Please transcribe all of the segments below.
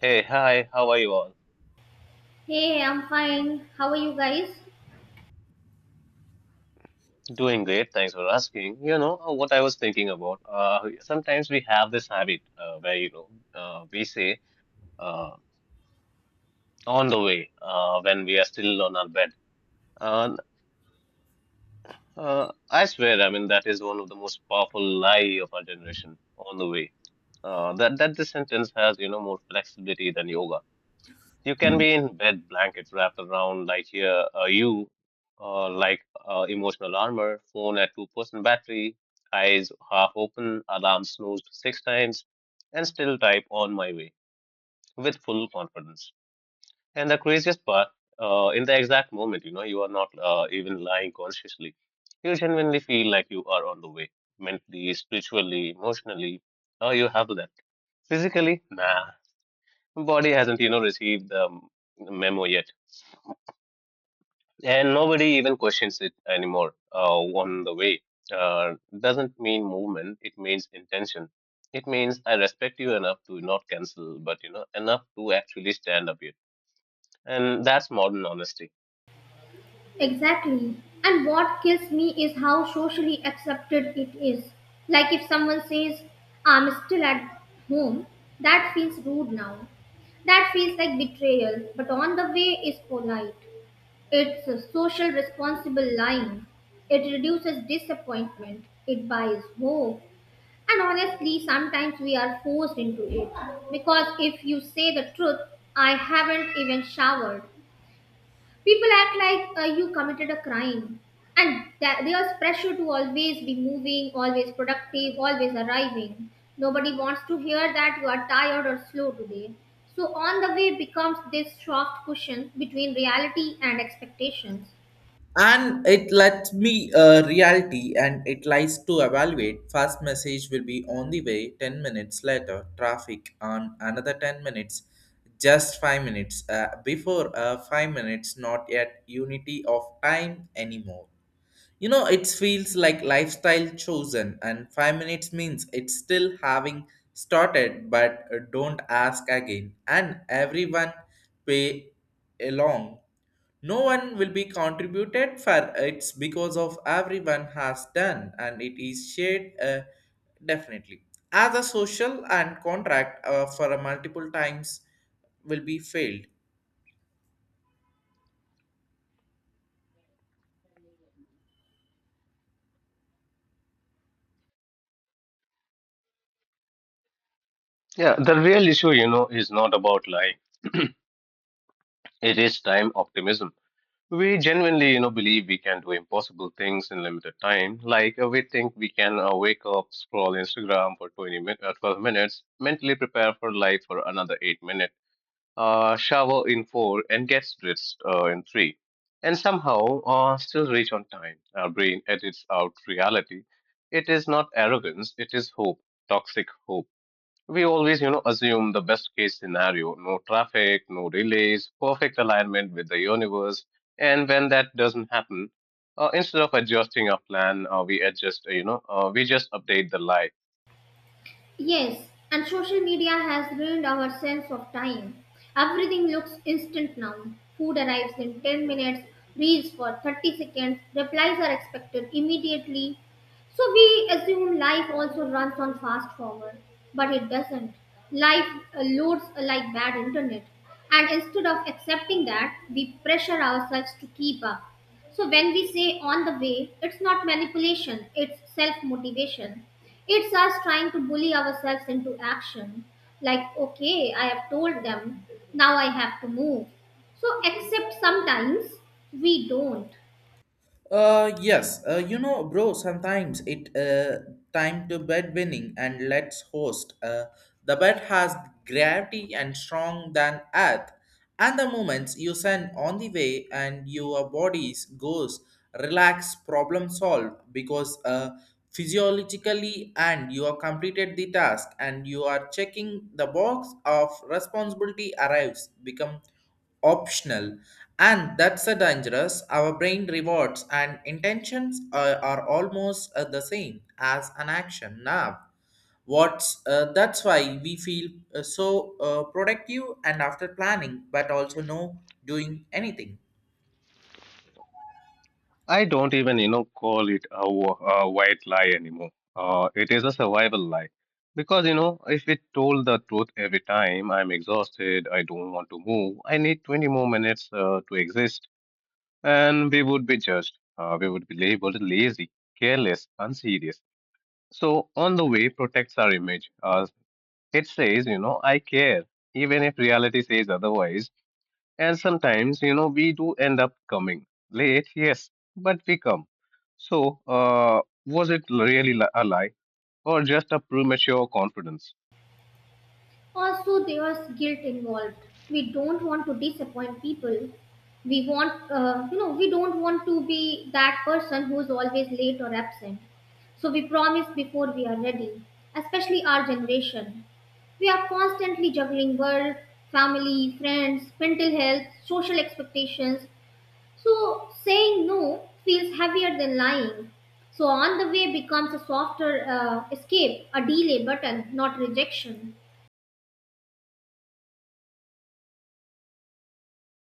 Hey, hi, how are you all? Hey, I'm fine. How are you guys? Doing great, thanks for asking. What I was thinking about, sometimes we have this habit where, we say uh, on the way when we are still on our bed. And I swear, I mean, that is one of the most powerful lie of our generation, on the way. That this sentence has, more flexibility than yoga. You can be in bed, blankets wrapped around like here, you, like emotional armor, phone at 2% battery, eyes half open, alarm snoozed six times, and still type on my way with full confidence. And the craziest part, in the exact moment, you are not even lying consciously. You genuinely feel like you are on the way, mentally, spiritually, emotionally. Oh, you have that. Physically, nah, body hasn't, received the memo yet, and nobody even questions it anymore. On the way doesn't mean movement, it means intention. It means I respect you enough to not cancel, but you know enough to actually stand up here, and that's modern honesty. Exactly. And what kills me is how socially accepted it is. Like if someone says, I'm still at home, that feels rude now. That feels like betrayal, but on the way is polite. It's a social responsible line. It reduces disappointment, it buys hope. And honestly, sometimes we are forced into it. Because if you say the truth, I haven't even showered, people act like you committed a crime, and that there's pressure to always be moving, always productive, always arriving. Nobody wants to hear that you are tired or slow today. So on the way becomes this soft cushion between reality and expectations. And it lets me reality and it lies to evaluate. First message will be on the way, 10 minutes later traffic, on another 10 minutes, just 5 minutes before 5 minutes, not yet unity of time anymore. You know, it feels like lifestyle chosen, and 5 minutes means it's still having started, but don't ask again. And everyone pay along. No one will be contributed for it's because of everyone has done, and it is shared, definitely, as a social and contract for a multiple times will be failed. Yeah, the real issue, is not about lying. It is time optimism. We genuinely, believe we can do impossible things in limited time. Like we think we can wake up, scroll Instagram for 12 minutes, mentally prepare for life for another 8 minutes, shower in four, and gets dressed in three, and somehow still reach on time. Our brain edits out reality. It is not arrogance, it is hope, toxic hope. We always, assume the best case scenario: no traffic, no delays, perfect alignment with the universe. And when that doesn't happen, instead of adjusting our plan, we adjust, you know, we just update the lie. Yes, and social media has ruined our sense of time. Everything looks instant now. Food arrives in 10 minutes, reels for 30 seconds, replies are expected immediately. So we assume life also runs on fast forward, but it doesn't. Life loads like bad internet. And instead of accepting that, we pressure ourselves to keep up. So when we say on the way, it's not manipulation, it's self motivation. It's us trying to bully ourselves into action. Like, okay, I have told them, now I have to move. So, except sometimes we don't. Yes, you know, bro, sometimes it time to bed winning and let's host. The bed has gravity and strong than earth, and the moments you send on the way and your bodies goes relax, problem solved because physiologically and you are completed the task and you are checking the box of responsibility arrives become optional. And that's a dangerous our brain rewards and intentions are almost the same as an action now. What's That's why we feel so productive and after planning but also no doing anything. I don't even, call it a white lie anymore. It is a survival lie. Because, if it told the truth every time, I'm exhausted, I don't want to move, I need 20 more minutes to exist, and we would be judged. We would be labeled lazy, careless, unserious. So, on the way, protects our image. It says, I care, even if reality says otherwise. And sometimes, we do end up coming late, yes, but we come. So, was it really a lie, or just a premature confidence? Also, there's guilt involved. We don't want to disappoint people. We don't want to be that person who's always late or absent. So we promise before we are ready, especially our generation. We are constantly juggling work, family, friends, mental health, social expectations. So saying no feels heavier than lying. So on the way becomes a softer escape, a delay button, not rejection.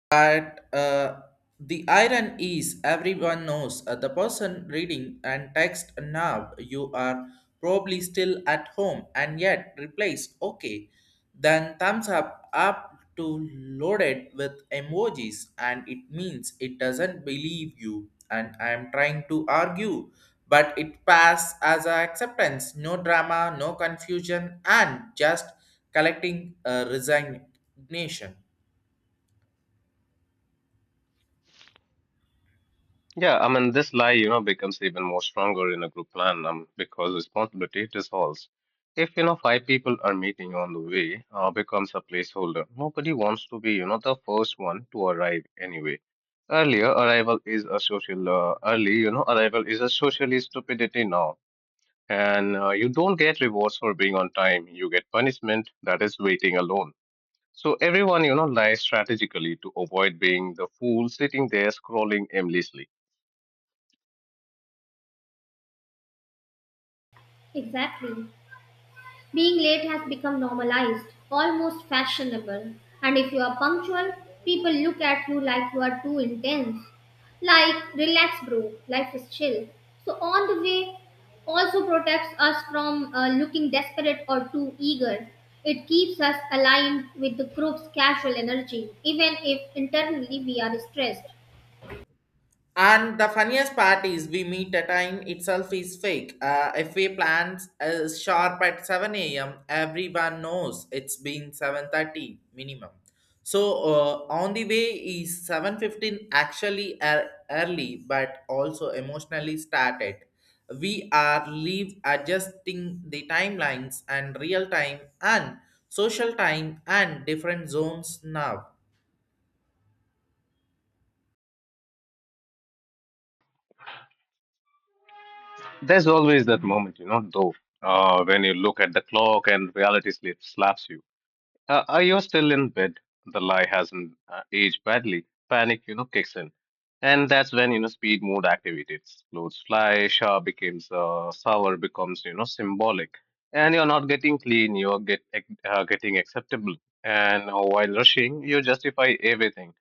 But the iron is everyone knows the person reading and text now you are probably still at home and yet replace okay, then thumbs up to loaded with emojis and it means it doesn't believe you and I am trying to argue, but it pass as a acceptance, no drama, no confusion, and just collecting a resignation. Yeah, I mean, this lie, becomes even more stronger in a group plan, because responsibility dissolves. If, five people are meeting, on the way becomes a placeholder. Nobody wants to be, the first one to arrive anyway. Earlier arrival is a social, Early, arrival is a socially stupidity now, and you don't get rewards for being on time, you get punishment, that is waiting alone. So everyone, lies strategically to avoid being the fool sitting there scrolling aimlessly. Exactly. Being late has become normalized, almost fashionable. And if you are punctual, people look at you like you are too intense. Like, relax, bro, life is chill. So on the way also protects us from looking desperate or too eager. It keeps us aligned with the group's casual energy, even if internally we are stressed. And the funniest part is we meet a time itself is fake. If we plan as sharp at 7 a.m., everyone knows it's been 7:30 minimum. So on the way is 7:15, early but also emotionally started. We are leave adjusting the timelines and real time and social time and different zones now. There's always that moment, though, when you look at the clock and reality slip slaps you. You're still in bed. The lie hasn't aged badly. Panic, kicks in. And that's when, speed mode activates. Clothes fly, sour becomes, symbolic. And you're not getting clean, you're getting acceptable. And while rushing, you justify everything.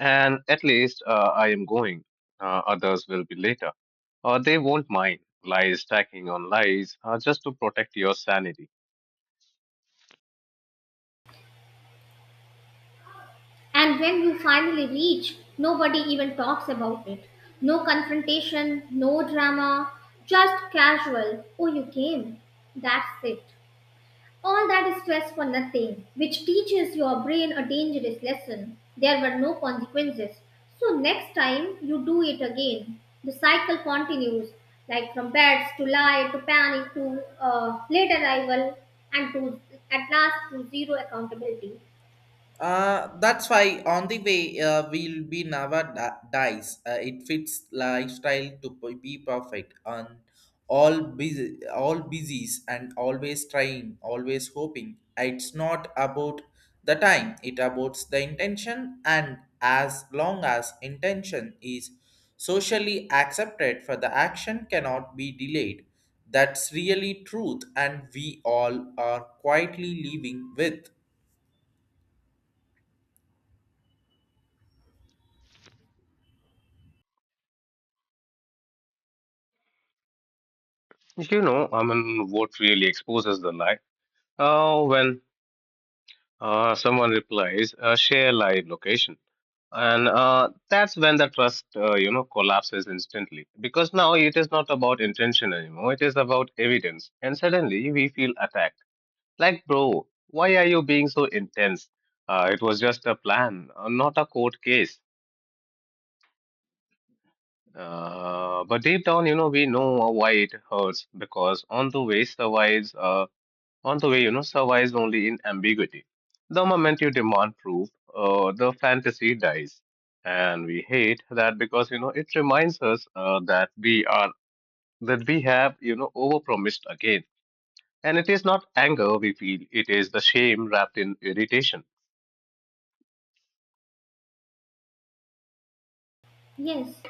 And at least, I am going. Others will be later. Or they won't mind. Lies stacking on lies, just to protect your sanity. And when you finally reach, nobody even talks about it. No confrontation, no drama, just casual. Oh, you came. That's it. All that stress for nothing, which teaches your brain a dangerous lesson. There were no consequences. So next time you do it again, the cycle continues, like from beds to lie to panic to late arrival and to at last to zero accountability. That's why on the way we'll be never dies. It fits lifestyle to be perfect on all busy, all busies and always trying, always hoping. It's not about the time; it about the intention. And as long as intention is socially accepted, for the action cannot be delayed. That's really truth, and we all are quietly living with. I mean, what really exposes the lie? When someone replies, share live location. And that's when the trust, collapses instantly. Because now it is not about intention anymore. It is about evidence. And suddenly we feel attacked. Like, bro, why are you being so intense? It was just a plan, not a court case. But deep down, we know why it hurts, because on the way, survives only in ambiguity. The moment you demand proof, the fantasy dies, and we hate that, because it reminds us that we have overpromised again, and it is not anger we feel; it is the shame wrapped in irritation. Yes,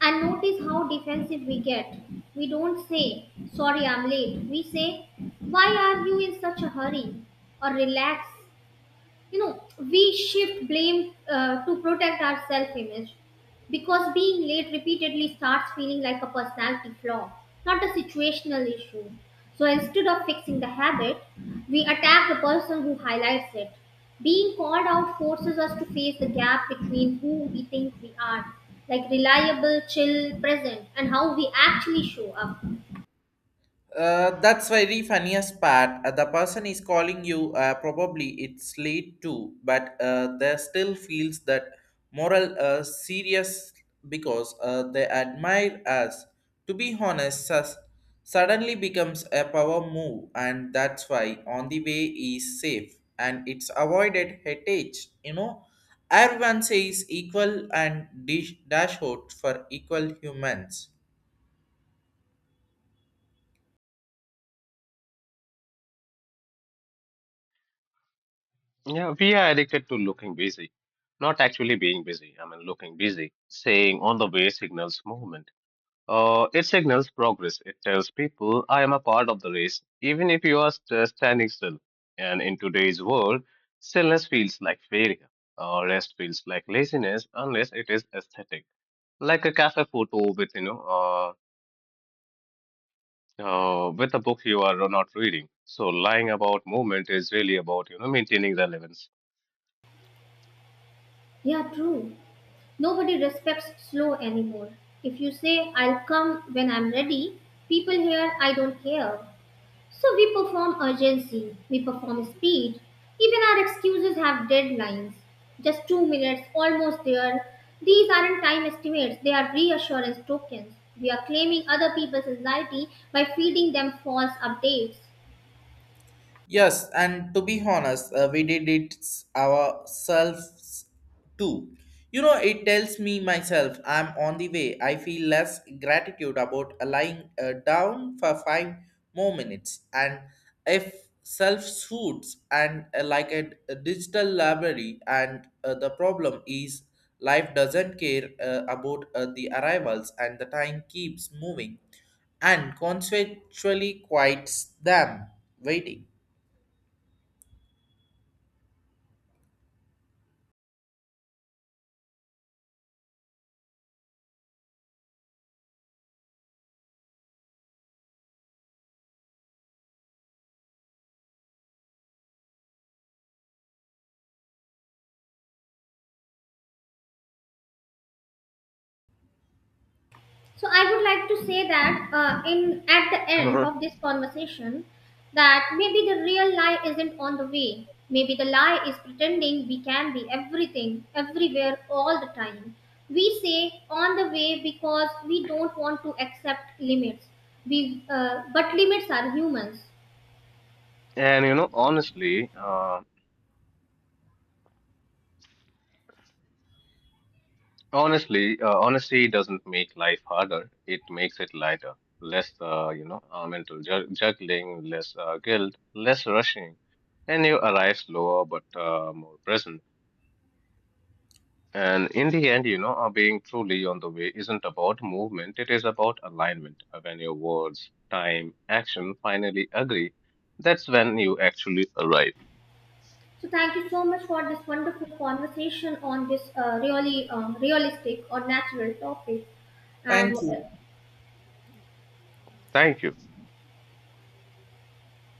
and notice how defensive we get. We don't say, sorry, I'm late. We say, why are you in such a hurry? Or relax, you know, we shift blame to protect our self image, because being late repeatedly starts feeling like a personality flaw, not a situational issue. So instead of fixing the habit, we attack the person who highlights it. Being called out forces us to face the gap between who we think we are, like reliable, chill, present, and how we actually show up. That's very funniest part. The person is calling you. Probably it's late too, but they still feels that moral serious because they admire us. To be honest, suddenly becomes a power move, and that's why on the way is safe and it's avoided headache. You know, everyone says equal and dish dashboard for equal humans. Yeah, we are addicted to looking busy, not actually being busy. I mean, looking busy. Saying on the way signals movement. It signals progress. It tells people, I am a part of the race, even if you are standing still. And in today's world, stillness feels like failure. Rest feels like laziness unless it is aesthetic, like a cafe photo with a book you are not reading. So lying about movement is really about maintaining relevance. Yeah, true. Nobody respects slow anymore. If you say, I'll come when I'm ready, people hear, I don't care. So we perform urgency, we perform speed. Even our excuses have deadlines. Just 2 minutes, almost there. These aren't time estimates, they are reassurance tokens. We are claiming other people's anxiety by feeding them false updates. Yes, and to be honest, we did it ourselves too. You know, it tells me myself I'm on the way. I feel less gratitude about lying down for five more minutes. And if self suits and like a digital library, and the problem is life doesn't care about the arrivals and the time keeps moving and consequently quiets them waiting. So I would like to say that in at the end uh of this conversation, that maybe the real lie isn't on the way. Maybe the lie is pretending we can be everything, everywhere, all the time. We say on the way because we don't want to accept limits. But limits are humans. And, honestly, honesty doesn't make life harder. It makes it lighter. Less, mental juggling, less guilt, less rushing, and you arrive slower but more present. And in the end, being truly on the way isn't about movement. It is about alignment. When your words, time, action finally agree, that's when you actually arrive. So thank you so much for this wonderful conversation on this really realistic or natural topic. Thank And you. Thank you.